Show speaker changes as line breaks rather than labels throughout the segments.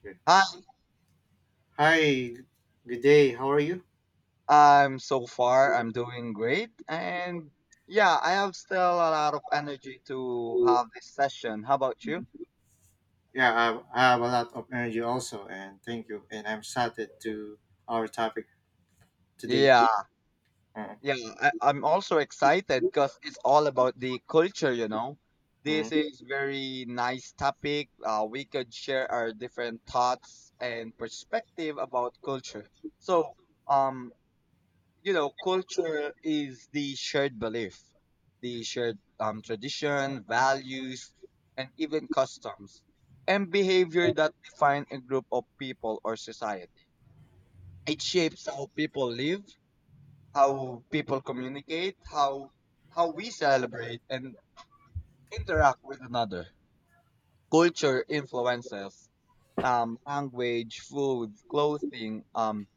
Okay.
Hi,
Hi, good day. How are you?
I'm doing great. And yeah, I have still a lot of energy to have this session. How about you?
Yeah, I have a lot of energy also, and thank you. And I'm excited to our topic today.
Yeah,
Uh,
yeah, I'm also excited because it's all about the culture, you know.
mm,
This is very nice topic. We could share our different thoughts and perspective about culture. So, um, you know, culture is the shared belief, the shared tradition, values, and even customs and behavior that define a group of people or society. It shapes how people live, how people communicate, how we celebrate and interact with another. Culture influences language, food, clothing,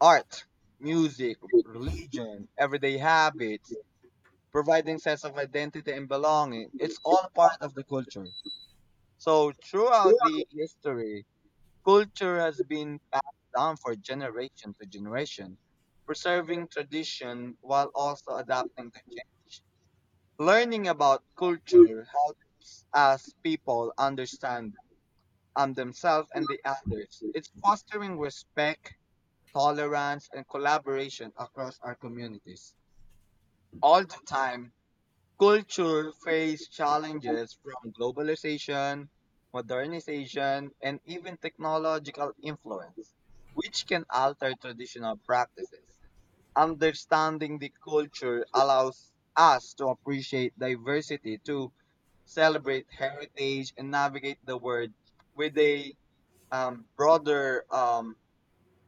art, music, religion, everyday habits providing sense of identity and belonging. It's all part of the culture. So throughout the history, culture has been passed down for generation to generation, preserving tradition while also adapting to change. Learning about culture helps us people understand themselves and the others. It's fostering respect, tolerance, and collaboration across our communities. All the time, culture face challenges from globalization, modernization, and even technological influence, which can alter traditional practices. Understanding the culture allows us to appreciate diversity, to celebrate heritage, and navigate the world with a broader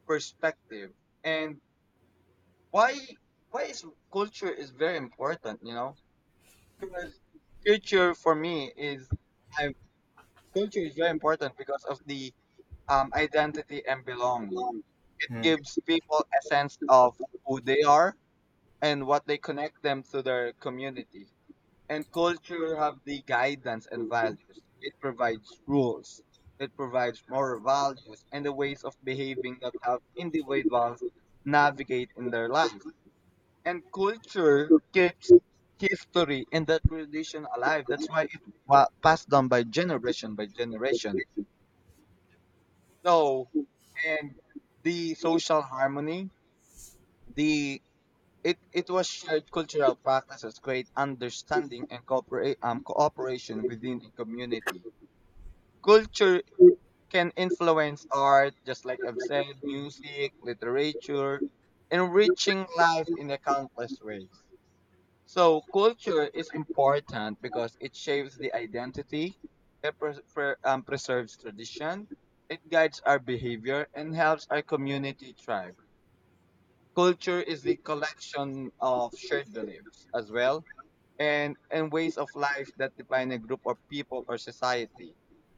perspective. And why why is culture is very important? You know, because culture for me is I culture is very important because of the identity and belonging. It
mm.
gives people a sense of who they are and what they connect them to their community. And culture have the guidance and values. It provides rules. It provides moral values and the ways of behaving that have individuals navigate in their life and culture keeps history and that tradition alive. That's why it was passed down by generation by generation. No, and the social harmony, the it was shared cultural practices, great understanding and cooperation within a community. Culture can influence art, just like I've said, music, literature, enriching life in a countless ways. So culture is important because it shapes the identity, it preserves tradition, it guides our behavior, and helps our community thrive. Culture is the collection of shared beliefs as well and ways of life that define a group of people or society,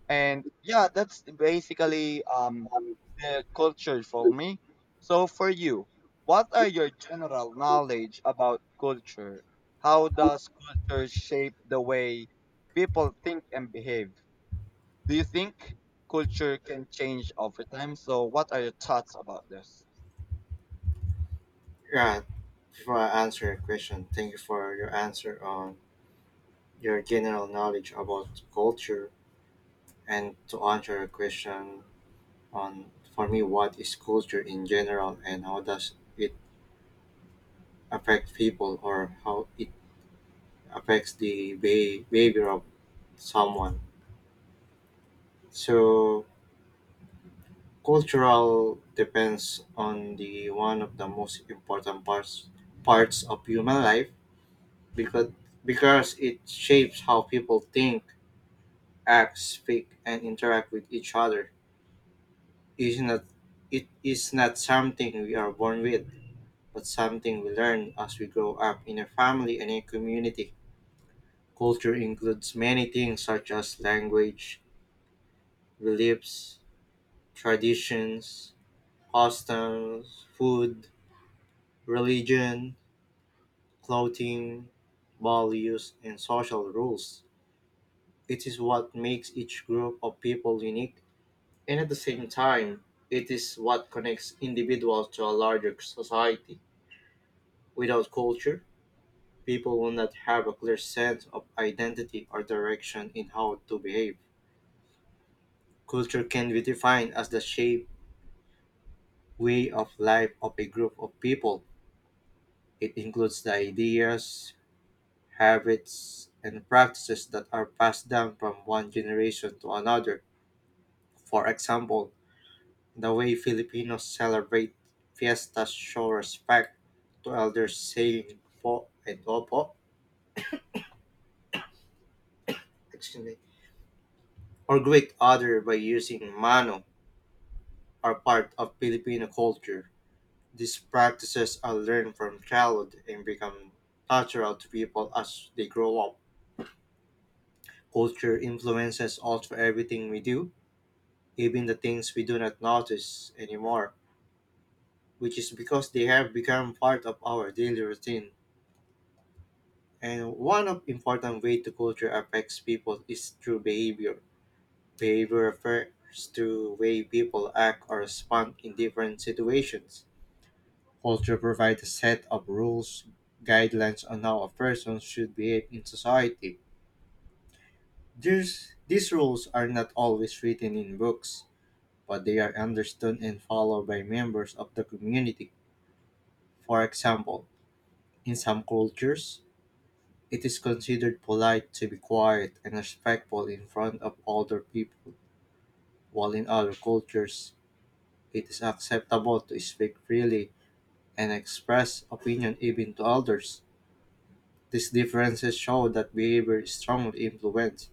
and yeah, that's basically the culture for me. So for you, what are your general knowledge about culture? How does culture shape the way people think and behave? Do you think culture can change over time? So what are your thoughts about this?
Yeah, before I answer your question, thank you for your answer on your general knowledge about culture. And to answer your question on, for me, what is culture in general and how does it affect people or how it affects the behavior of someone. So, Cultural depends on the one of the most important parts of human life because because it shapes how people think, act, speak and interact with each other. It is not it is not something we are born with, but something we learn as we grow up in a family and a community. Culture includes many things such as language, beliefs, traditions, customs, food, religion, clothing, values, and social rules. It is what makes each group of people unique, and at the same time, it is what connects individuals to a larger society. Without culture, people will not have a clear sense of identity or direction in how to behave. Culture can be defined as the shape, way of life of a group of people. It includes the ideas, habits, and practices that are passed down from one generation to another. For example, the way Filipinos celebrate fiestas show respect to elders saying po and opo, excuse me, or greet other by using mano are part of Filipino culture. These practices are learned from childhood and become natural to people as they grow up. Culture influences also everything we do, even the things we do not notice anymore, which is because they have become part of our daily routine. And one of important way to culture affects people is through behavior. Behavior refers to way people act or respond in different situations. Culture provides a set of rules, guidelines on how a person should behave in society. These rules are not always written in books, but they are understood and followed by members of the community. For example, in some cultures, it is considered polite to be quiet and respectful in front of older people, while in other cultures, it is acceptable to speak freely and express opinion even to elders. These differences show that behavior is strongly influenced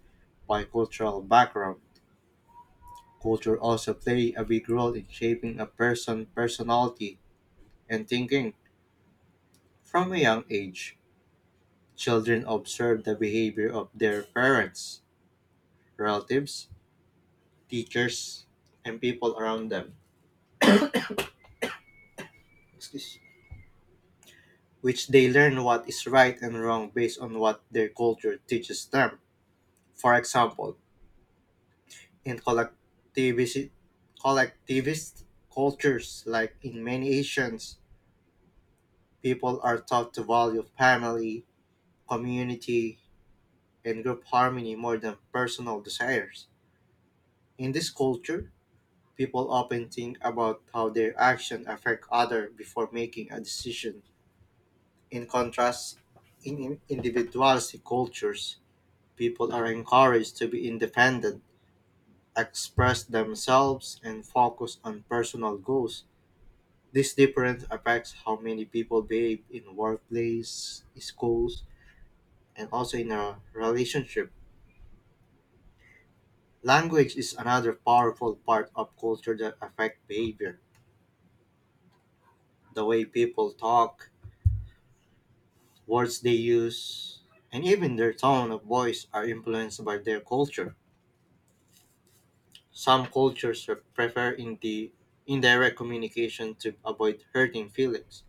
by cultural background. Culture also play a big role in shaping a person's personality and thinking. From a young age, children observe the behavior of their parents, relatives, teachers, and people around them, excuse- which they learn what is right and wrong based on what their culture teaches them. For example, in collectivist cultures, like in many Asians, people are taught to value family, community, and group harmony more than personal desires. In this culture, people often think about how their actions affect others before making a decision. In contrast, in individualistic cultures, people are encouraged to be independent, express themselves, and focus on personal goals. This difference affects how many people behave in workplace, schools, and also in a relationship. Language is another powerful part of culture that affect behavior. The way people talk, words they use, and even their tone of voice are influenced by their culture. Some cultures prefer indirect communication to avoid hurting feelings,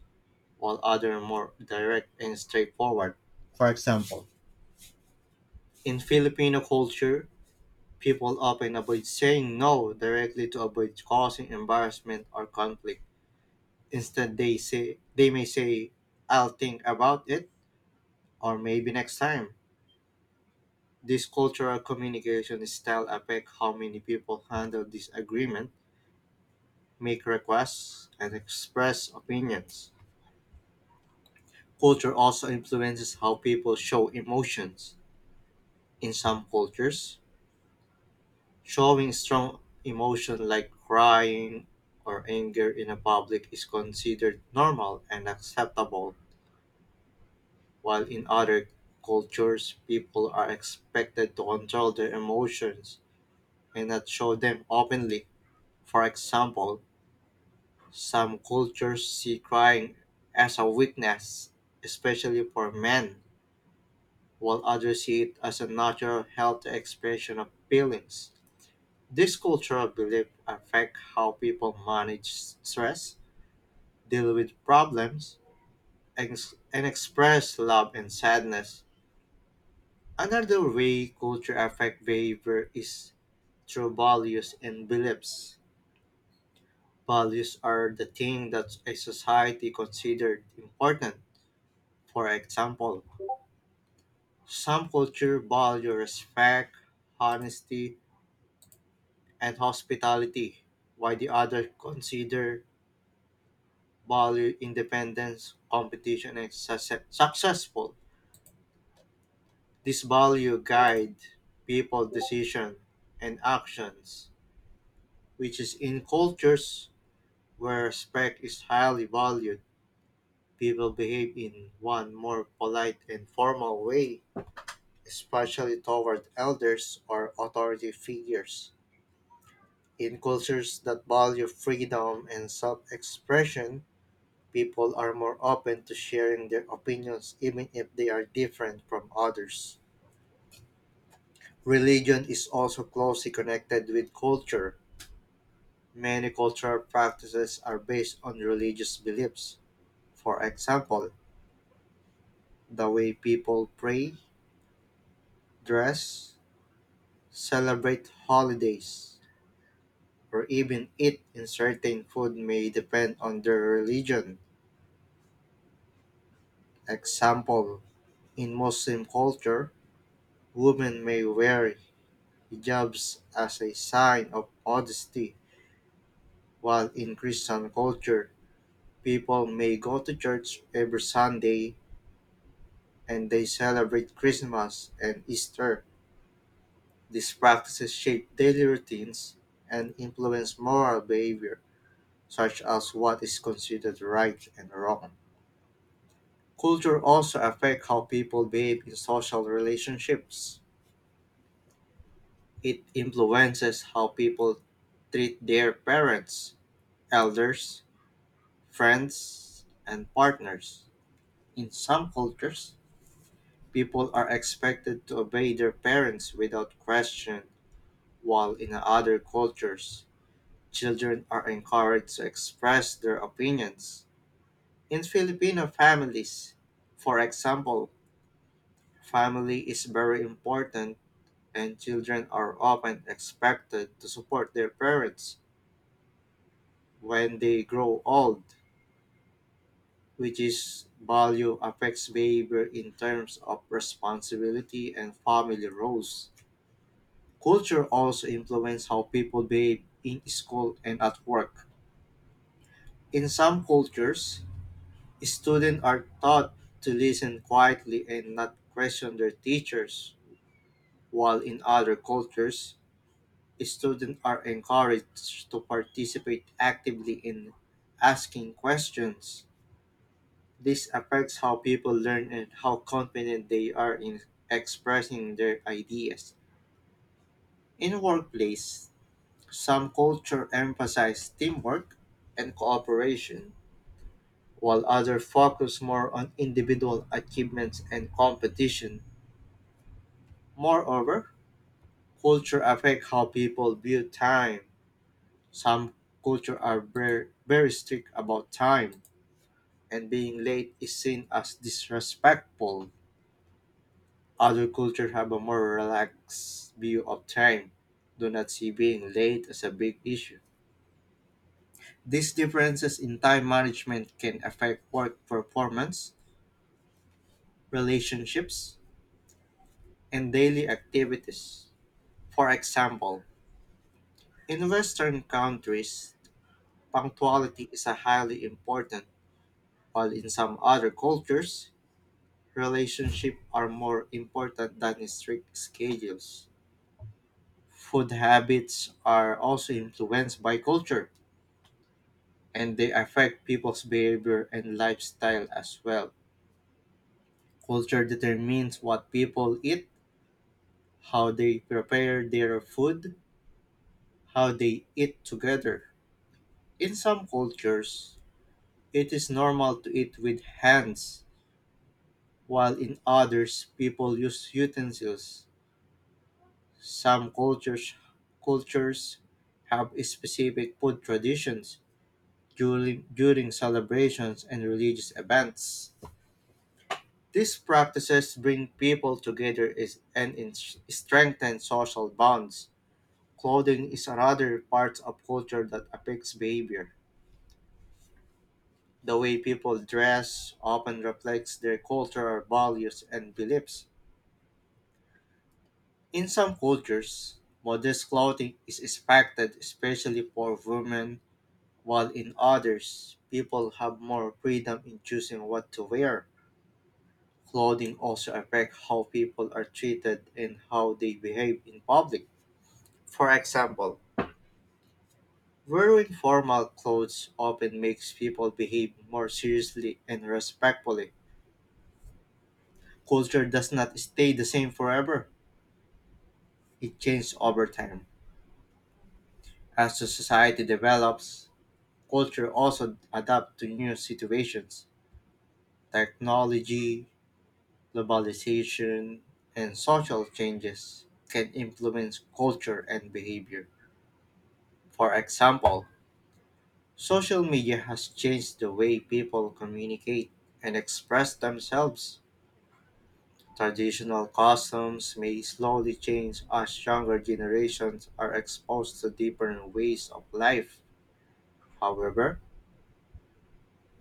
while others are more direct and straightforward. For example, in Filipino culture, people often avoid saying no directly to avoid causing embarrassment or conflict. Instead, they say they may say, "I'll think about it," or "Maybe next time." This cultural communication style affects how many people handle disagreement, make requests, and express opinions. Culture also influences how people show emotions. In some cultures, showing strong emotion like crying or anger in a public is considered normal and acceptable, while in other cultures, people are expected to control their emotions and not show them openly. For example, some cultures see crying as a weakness, especially for men, while others see it as a natural healthy expression of feelings. These cultural beliefs affect how people manage stress, deal with problems, and express love and sadness. Another way culture affects behavior is through values and beliefs. Values are the thing that a society considered important. For example, some culture value respect, honesty, and hospitality, while the other consider value, independence, competition, and successful. This value guide people decision and actions, which is in cultures where respect is highly valued, people behave in one more polite and formal way, especially toward elders or authority figures. In cultures that value freedom and self expression, people are more open to sharing their opinions even if they are different from others. Religion is also closely connected with culture. Many cultural practices are based on religious beliefs. For example, the way people pray, dress, celebrate holidays, or even eat in certain food may depend on their religion. Example, in Muslim culture, women may wear hijabs as a sign of modesty, while in Christian culture, people may go to church every Sunday and they celebrate Christmas and Easter. These practices shape daily routines and influence moral behavior, such as what is considered right and wrong. Culture also affects how people behave in social relationships. It influences how people treat their parents, elders, friends, and partners. In some cultures, people are expected to obey their parents without question, while in other cultures, children are encouraged to express their opinions. In Filipino families, for example, family is very important and children are often expected to support their parents when they grow old, which is value affects behavior in terms of responsibility and family roles. Culture also influences how people behave in school and at work. In some cultures, students are taught to listen quietly and not question their teachers, while in other cultures, students are encouraged to participate actively in asking questions. This affects how people learn and how confident they are in expressing their ideas. In the workplace, some culture emphasize teamwork and cooperation, while others focus more on individual achievements and competition. Moreover, culture affect how people view time. Some culture are very, very strict about time, and being late is seen as disrespectful. Other cultures have a more relaxed view of time, do not see being late as a big issue. These differences in time management can affect work performance, relationships, and daily activities. For example, in Western countries, punctuality is a highly important, while in some other cultures, relationships are more important than strict schedules. Food habits are also influenced by culture and they affect people's behavior and lifestyle as well. Culture determines what people eat, how they prepare their food, how they eat together. In some cultures, it is normal to eat with hands, while in others, people use utensils. Some cultures have specific food traditions during celebrations and religious events. These practices bring people together is, and in, strengthen social bonds. Clothing is another part of culture that affects behavior. The way people dress often reflects their cultural values and beliefs. In some cultures, modest clothing is expected, especially for women, while in others, people have more freedom in choosing what to wear. Clothing also affects how people are treated and how they behave in public. For example, wearing formal clothes often makes people behave more seriously and respectfully. Culture does not stay the same forever, it changes over time. As the society develops, culture also adapts to new situations, technology, globalization, and social changes can influence culture and behavior. For example, social media has changed the way people communicate and express themselves. Traditional customs may slowly change as younger generations are exposed to different ways of life. However,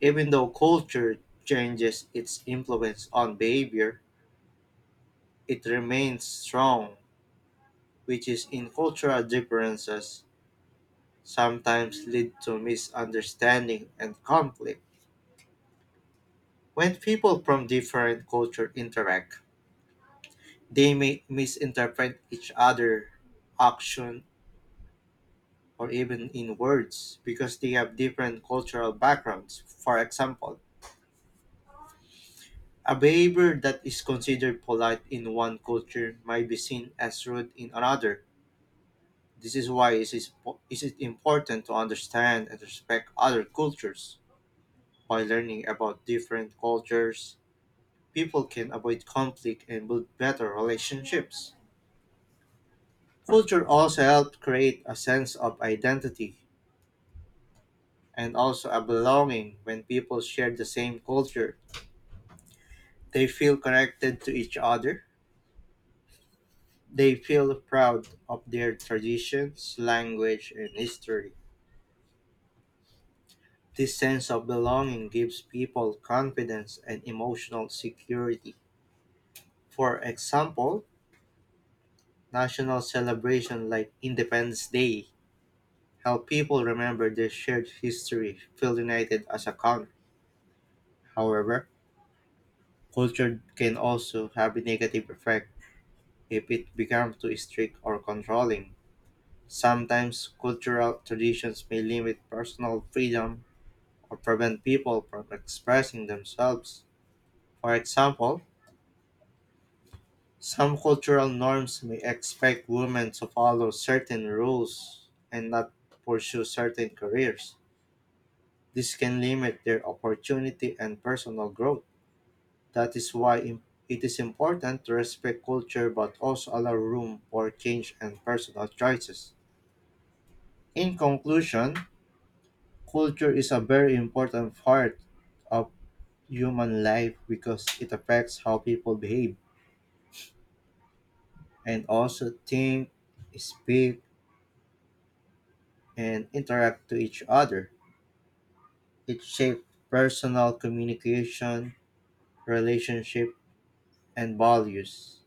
even though culture changes its influence on behavior, it remains strong, which is in cultural differences sometimes lead to misunderstanding and conflict when people from different culture interact. They may misinterpret each other action or even in words because they have different cultural backgrounds. For example, a behavior that is considered polite in one culture might be seen as rude in another. This is why it is important to understand and respect other cultures. By learning about different cultures, people can avoid conflict and build better relationships. Culture also helps create a sense of identity and also a belonging when people share the same culture. They feel connected to each other. They feel proud of their traditions, language, and history. This sense of belonging gives people confidence and emotional security. For example, national celebrations like Independence Day help people remember their shared history, feel united as a country. However, culture can also have a negative effect. If it becomes too strict or controlling, sometimes cultural traditions may limit personal freedom or prevent people from expressing themselves. For example, some cultural norms may expect women to follow certain rules and not pursue certain careers. This can limit their opportunity and personal growth. That is why it is important to respect culture but also allow room for change and personal choices. In conclusion, culture is a very important part of human life because it affects how people behave and also think, speak, and interact to each other. It shapes personal communication, relationship, and values.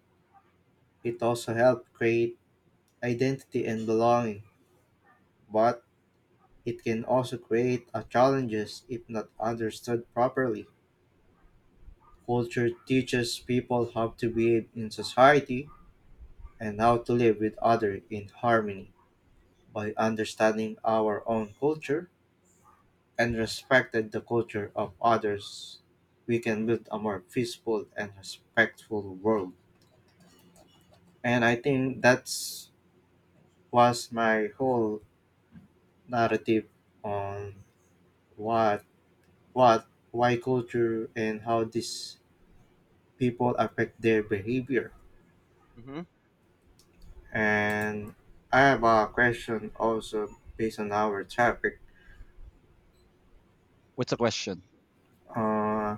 It also helps create identity and belonging, but it can also create a challenges if not understood properly. Culture teaches people how to behave in society and how to live with others in harmony. By understanding our own culture and respecting the culture of others, we can build a more peaceful and respectful world. And I think that's was my whole narrative on what why culture and how these people affect their behavior.
Hmm
And I have a question also based on our topic.
What's the question?
uh,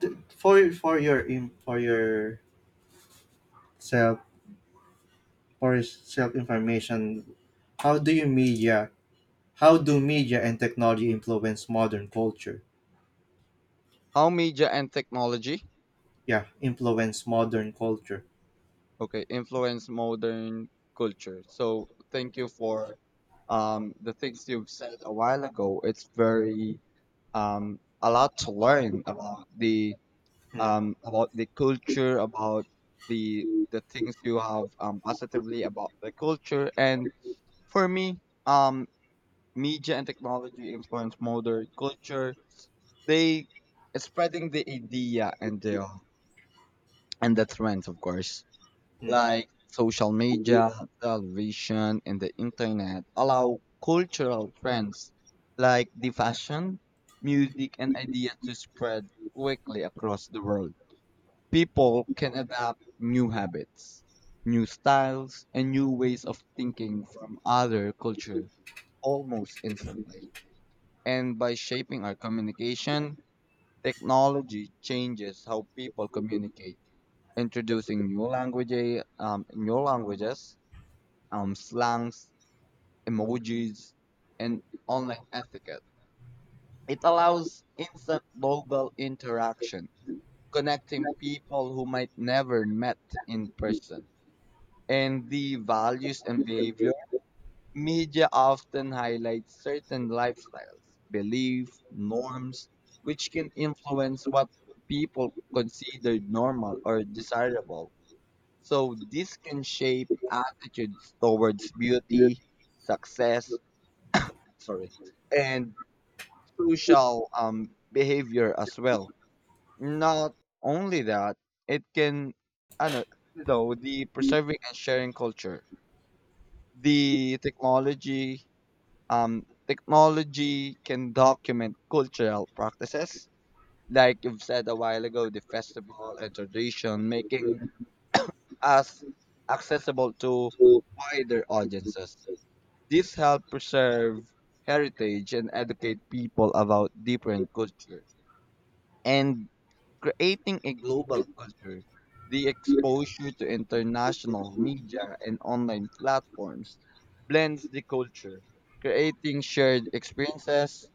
for your self, for your self information, how do you media, how do media and technology influence modern culture?
How media and technology,
Yeah, influence modern culture.
okay, influence modern culture. So thank you for the things you've said a while ago. It's very a lot to learn
mm,
about the culture, about the things you have positively about the culture. And for me, um media and technology influence modern culture. They spreading the idea and the trends of course,
mm,
like social media, television, and the internet allow cultural trends like the fashion, music, and ideas to spread quickly across the world. People can adapt new habits, new styles, and new ways of thinking from other culture almost instantly. And by shaping our communication, technology changes how people communicate, introducing new languages, slangs, emojis, and online etiquette. It allows instant global interaction, connecting people who might never met in person. And the values and behavior, media often highlights certain lifestyles, beliefs, norms, which can influence what people consider normal or desirable. So this can shape attitudes towards beauty, success, sorry, and social behavior as well. Not only that, it can, I know, you know, the preserving and sharing culture. The technology, technology can document cultural practices, like you've said a while ago, the festival and tradition, making us accessible to wider audiences. This helps preserve heritage and educate people about different culture. And creating a global culture, the exposure to international media and online platforms blends the culture, creating shared experiences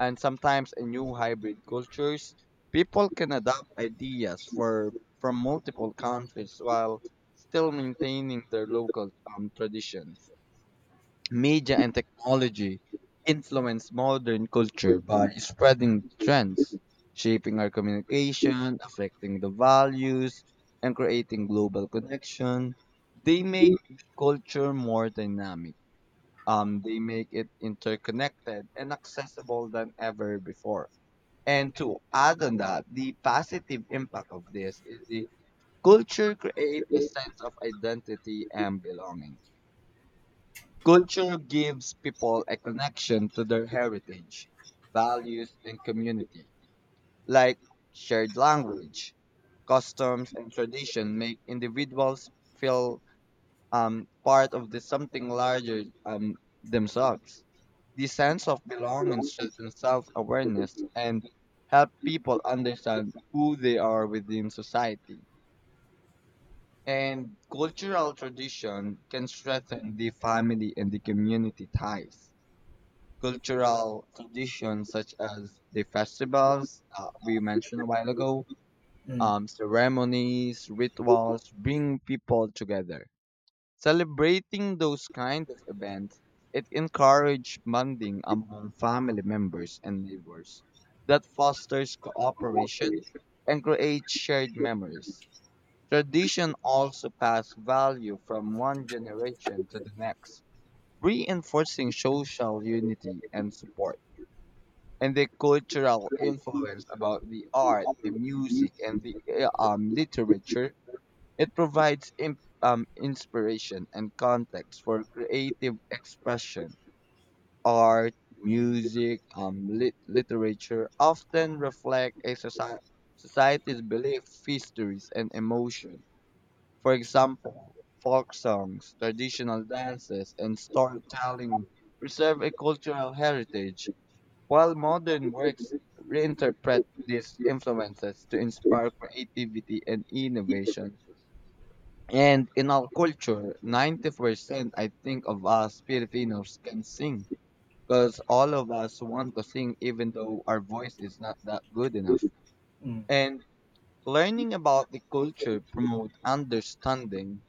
and sometimes a new hybrid cultures. People can adopt ideas for from multiple countries while still maintaining their local traditions. Media and technology influence modern culture by spreading trends, shaping our communication, affecting the values, and creating global connection. They make culture more dynamic. They make it interconnected and accessible than ever before. And to add on that, the positive impact of this is the culture creates a sense of identity and belonging. Culture gives people a connection to their heritage, values, and community. Like shared language, customs, and tradition make individuals feel part of the something larger themselves. The sense of belonging strengthens self-awareness and help people understand who they are within society. And cultural tradition can strengthen the family and the community ties. Cultural traditions such as the festivals we mentioned a while ago,
mm,
ceremonies, rituals bring people together. Celebrating those kind of events, it encourages bonding among family members and neighbors that fosters cooperation and creates shared memories. Tradition also pass value from one generation to the next, reinforcing social unity and support, and the cultural influence about the art, the music, and the literature, it provides inspiration and context for creative expression. Art, music, literature often reflect a society's beliefs, histories, and emotion. For example, folk songs, traditional dances, and storytelling preserve a cultural heritage while modern works reinterpret these influences to inspire creativity and innovation. And in our culture, 90% I think of us Filipinos can sing because all of us want to sing even though our voice is not that good enough.
mm.
And learning about the culture promote understanding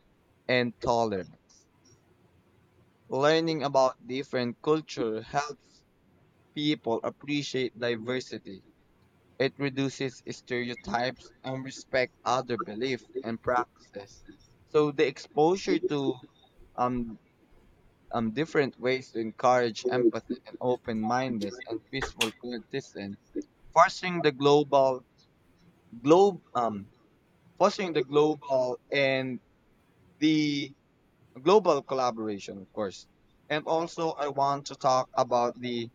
and tolerance. Learning about different culture helps people appreciate diversity. It reduces stereotypes and respect other beliefs and practices. So the exposure to um, different ways to encourage empathy and open-mindedness and peaceful coexistence, fostering the global globe um fostering the global and the global collaboration, of course. And also, I want to talk about the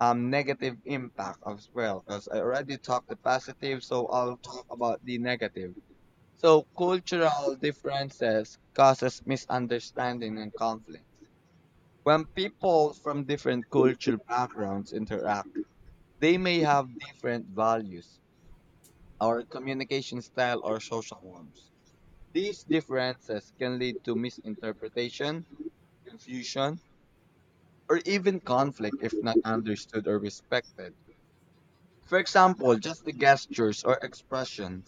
negative impact as well, because I already talked the positive, so I'll talk about the negative. So cultural differences causes misunderstanding and conflicts. When people from different cultural backgrounds interact, they may have different values, or communication style or social norms. These differences can lead to misinterpretation, confusion, or even conflict if not understood or respected. For example, just the gestures or expression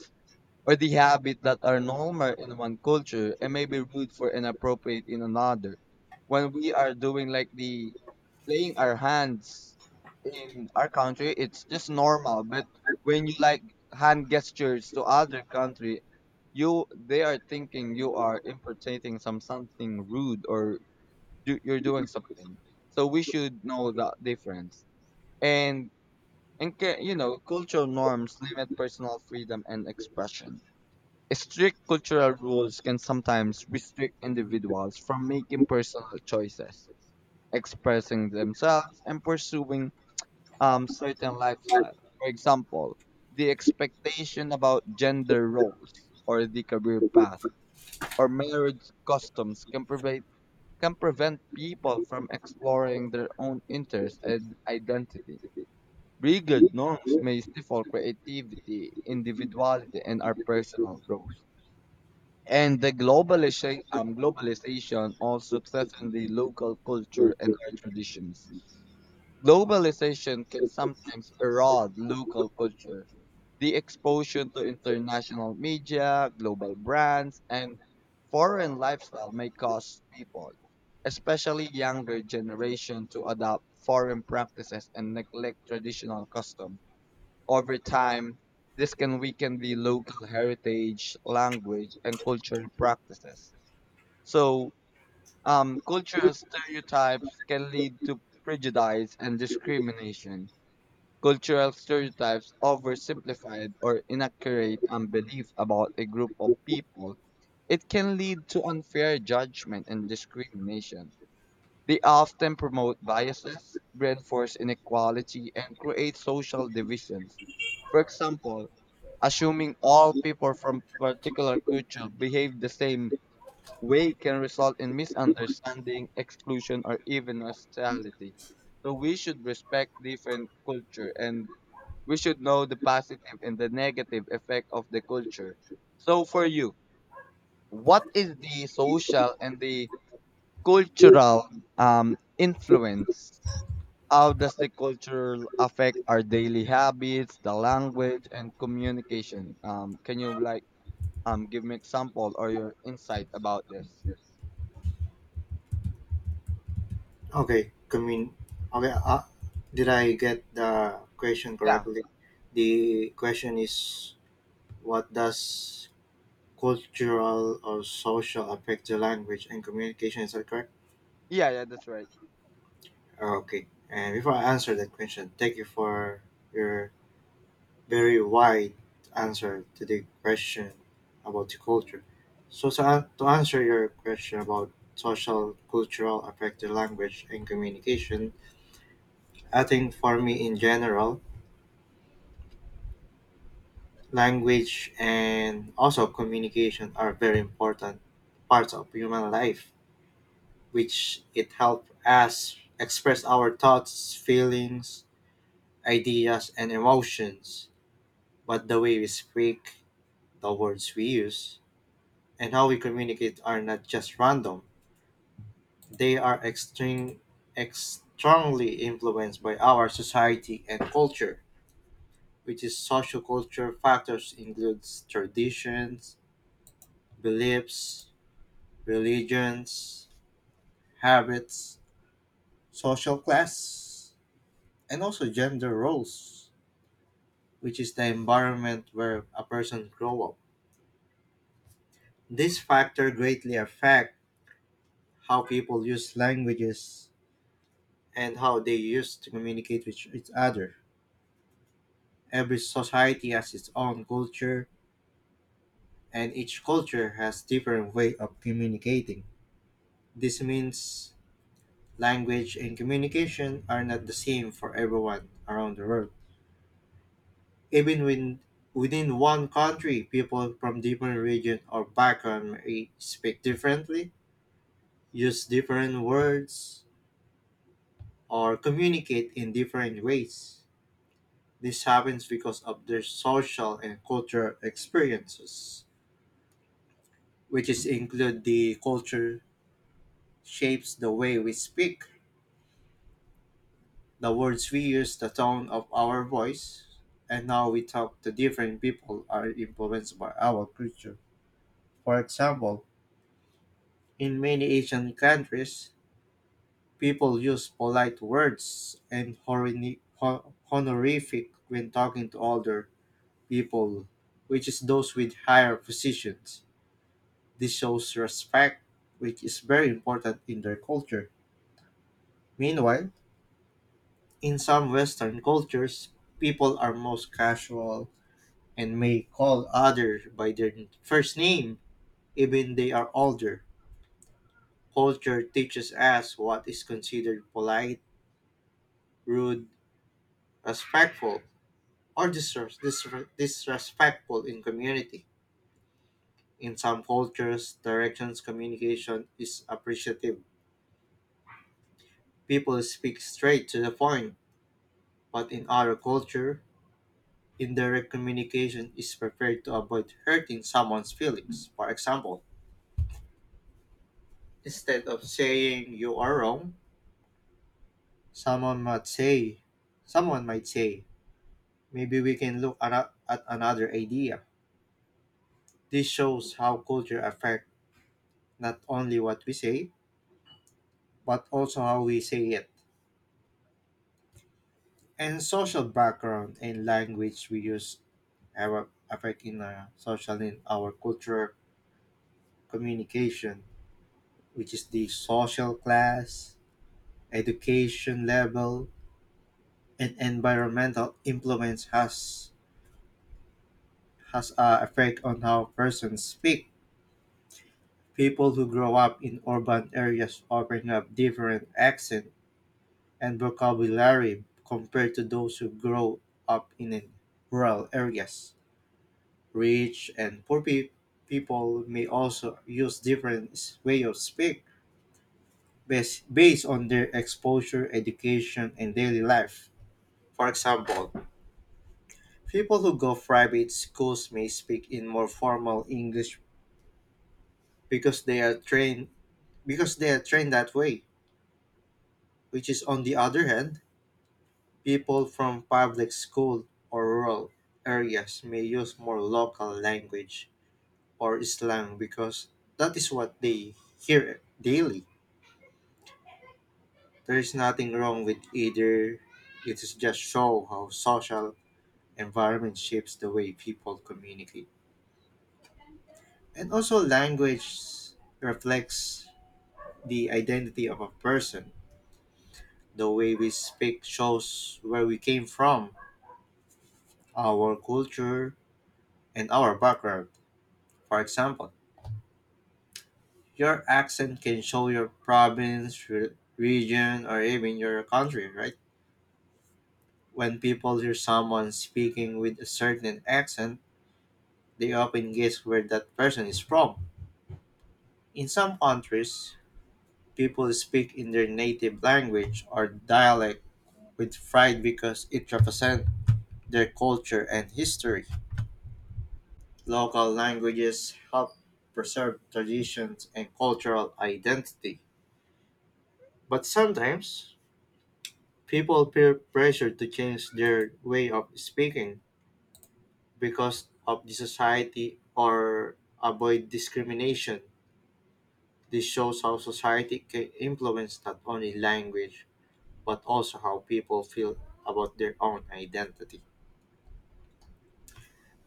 or the habit that are normal in one culture and maybe rude for inappropriate in another. When we are doing like the playing our hands in our country, it's just normal. But when you like hand gestures to other country, you they are thinking you are impertating some something rude or do, you're doing something. So we should know that difference. And you know, cultural norms limit personal freedom and expression. Strict cultural rules can sometimes restrict individuals from making personal choices, expressing themselves, and pursuing certain lifestyle. For example, the expectation about gender roles or the career path or marriage customs can prevent people from exploring their own interests and identity. Rigid norms may stifle creativity, individuality, and our personal growth. And the globalization also threatens the local culture and our traditions. Globalization can sometimes erode local culture. The exposure to international media, global brands, and foreign lifestyle may cause people, especially younger generation, to adopt foreign practices and neglect traditional customs. Over time, this can weaken the local heritage, language, and cultural practices. So, Cultural stereotypes can lead to prejudice and discrimination. Cultural stereotypes oversimplified or inaccurate beliefs about a group of people. It can lead to unfair judgment and discrimination. They often promote biases, reinforce inequality, and create social divisions. For example, assuming all people from particular culture behave the same way can result in misunderstanding, exclusion, or even hostility. So we should respect different culture and we should know the positive and the negative effect of the culture. So for you, what is the social and the cultural influence. How does the culture affect our daily habits, the language, and communication? Can you like give me example or your insight about this?
okay commun okay. Did I get the question
Yeah,
correctly? The question is, what does cultural or social affect the language and communication, is that correct?
yeah. That's right.
Okay. And before I answer that question, thank you for your very wide answer to the question about the culture. So to answer your question about social, cultural, affected language and communication, I think for me in general, language and also communication are very important parts of human life, which it helps us express our thoughts, feelings, ideas, and emotions. But the way we speak, the words we use, and how we communicate are not just random. They are extremely influenced by our society and culture, which is social culture factors includes traditions, beliefs, religions, habits, social class, and also gender roles, which is the environment where a person grow up. This factor greatly affect how people use languages and how they used to communicate with each other. Every society has its own culture, and each culture has different way of communicating. This means language and communication are not the same for everyone around the world. Even when within one country, people from different region or background may speak differently, use different words, or communicate in different ways. This happens because of their social and cultural experiences, which is include the culture shapes the way we speak, the words we use, the tone of our voice, and how we talk to different people are influenced by our culture. For example, in many Asian countries, people use polite words and honorific when talking to older people, which is those with higher positions. This shows respect, which is very important in their culture. Meanwhile, in some Western cultures, people are most casual and may call others by their first name, even they are older. Culture teaches us what is considered polite, rude, respectful, or disrespectful in community. In some cultures, directions communication is appreciative. People speak straight to the point, but in other culture, indirect communication is prepared to avoid hurting someone's feelings. For example, instead of saying you are wrong, someone might say, someone might say, maybe we can look at another idea. This shows how culture affects not only what we say, but also how we say it. And social background and language we use have affecting our social in our culture communication, which is the social class, education level, and environmental influence has a effect on how persons speak. People who grow up in urban areas often have different accent and vocabulary compared to those who grow up in rural areas. Rich and poor pe- people may also use different way of speak based on their exposure, education, and daily life. For example, people who go private schools may speak in more formal English because they are trained because they are trained that way, which is on the other hand, people from public school or rural areas may use more local language or slang because that is what they hear daily. There is nothing wrong with either. It is just show how social environment shapes the way people communicate. And also language reflects the identity of a person. The way we speak shows where we came from, our culture, and our background. For example, your accent can show your province, region, or even your country, right? When people hear someone speaking with a certain accent, they often guess where that person is from. In some countries, people speak in their native language or dialect with pride because it represents their culture and history. Local languages help preserve traditions and cultural identity, but sometimes people feel pressure to change their way of speaking because of the society or avoid discrimination. This shows how society can influence not only language but also how people feel about their own identity.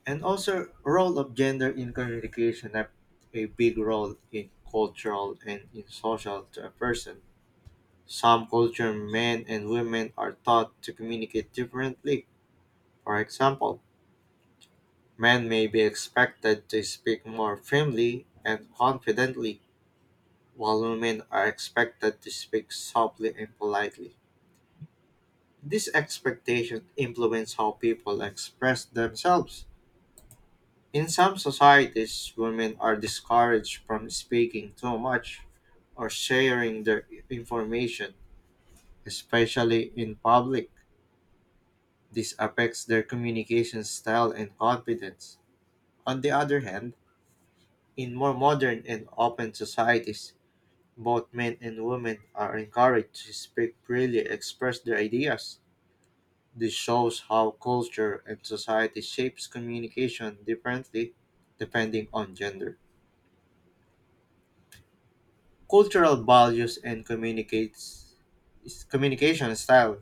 And also role of gender in communication have a big role in cultural and in social to a person. Some cultures, men and women are taught to communicate differently. For example, men may be expected to speak more firmly and confidently, while women are expected to speak softly and politely. These expectations influence how people express themselves. In some societies, women are discouraged from speaking too much or sharing their information, especially in public. This affects their communication style and confidence. On the other hand, in more modern and open societies, both men and women are encouraged to speak freely, express their ideas. This shows how culture and society shapes communication differently depending on gender. Cultural values and communicates communication style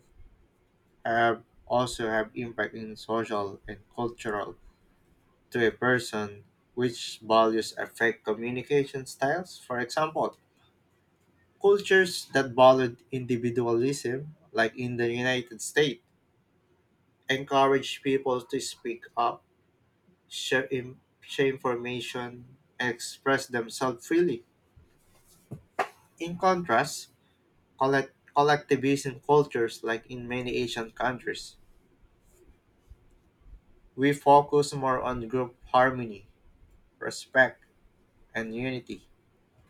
have impact in social and cultural to a person, which values affect communication styles. For example, cultures that valued individualism, like in the United States, encourage people to speak up, share information, and express themselves freely. In contrast, collectivism cultures, like in many Asian countries, we focus more on group harmony, respect, and unity.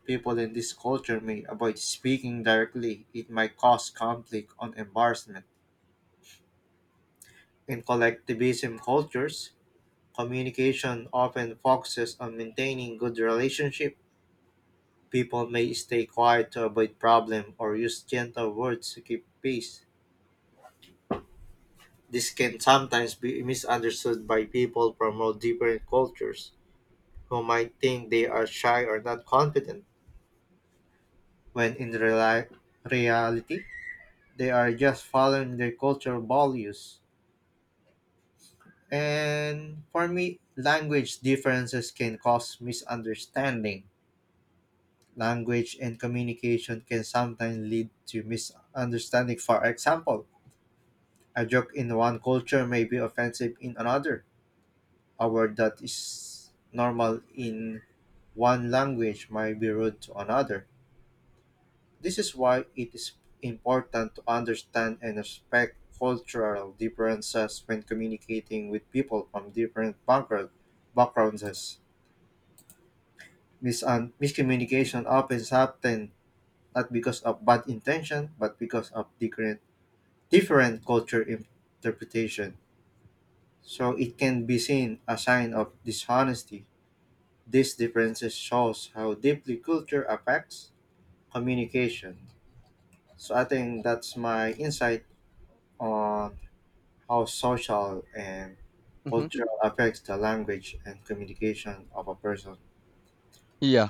People in this culture may avoid speaking directly, it might cause conflict or embarrassment. In collectivism cultures, communication often focuses on maintaining good relationship. People may stay quiet to avoid problem or use gentle words to keep peace. This can sometimes be misunderstood by people from all different cultures who might think they are shy or not confident, when in reality, they are just following their cultural values. And for me, language differences can cause misunderstanding. Language and communication can sometimes lead to misunderstanding. For example, a joke in one culture may be offensive in another. A word that is normal in one language might be rude to another. This is why it is important to understand and respect cultural differences when communicating with people from backgrounds. Miscommunication often happen not because of bad intention, but because of different culture interpretation. So it can be seen a sign of dishonesty. These differences shows how deeply culture affects communication. So I think that's my insight on how social and
hmm
culture affects the language and communication of a person.
Yeah.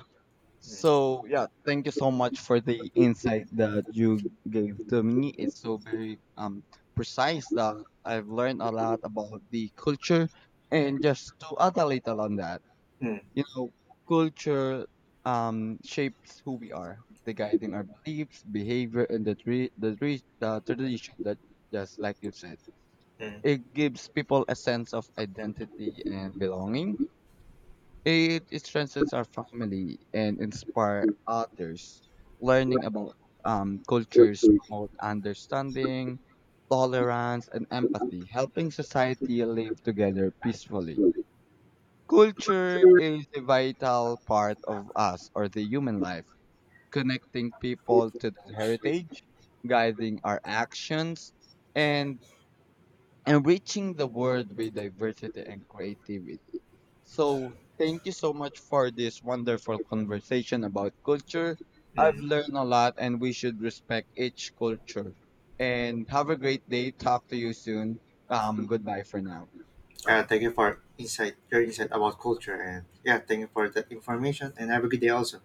Mm,
So yeah, thank you so much for the insight that you gave to me. It's so very precise that I've learned a lot about the culture and just to add a little on that.
mm,
You know, culture shapes who we are, the guiding our beliefs, behavior, and the tradition that just like you said,
mm,
it gives people a sense of identity and belonging. It strengthens our family and inspire others. Learning about cultures promote understanding, tolerance, and empathy, helping society live together peacefully. Culture is a vital part of us or the human life, connecting people to their heritage, guiding our actions, and enriching the world with diversity and creativity. So, thank you so much for this wonderful conversation about culture. I've
mm.
learned a lot, and we should respect each culture. And have a great day. Talk to you soon. Goodbye for now.
Thank you for insight, your insight about culture, and yeah, thank you for that information. And have a good day also.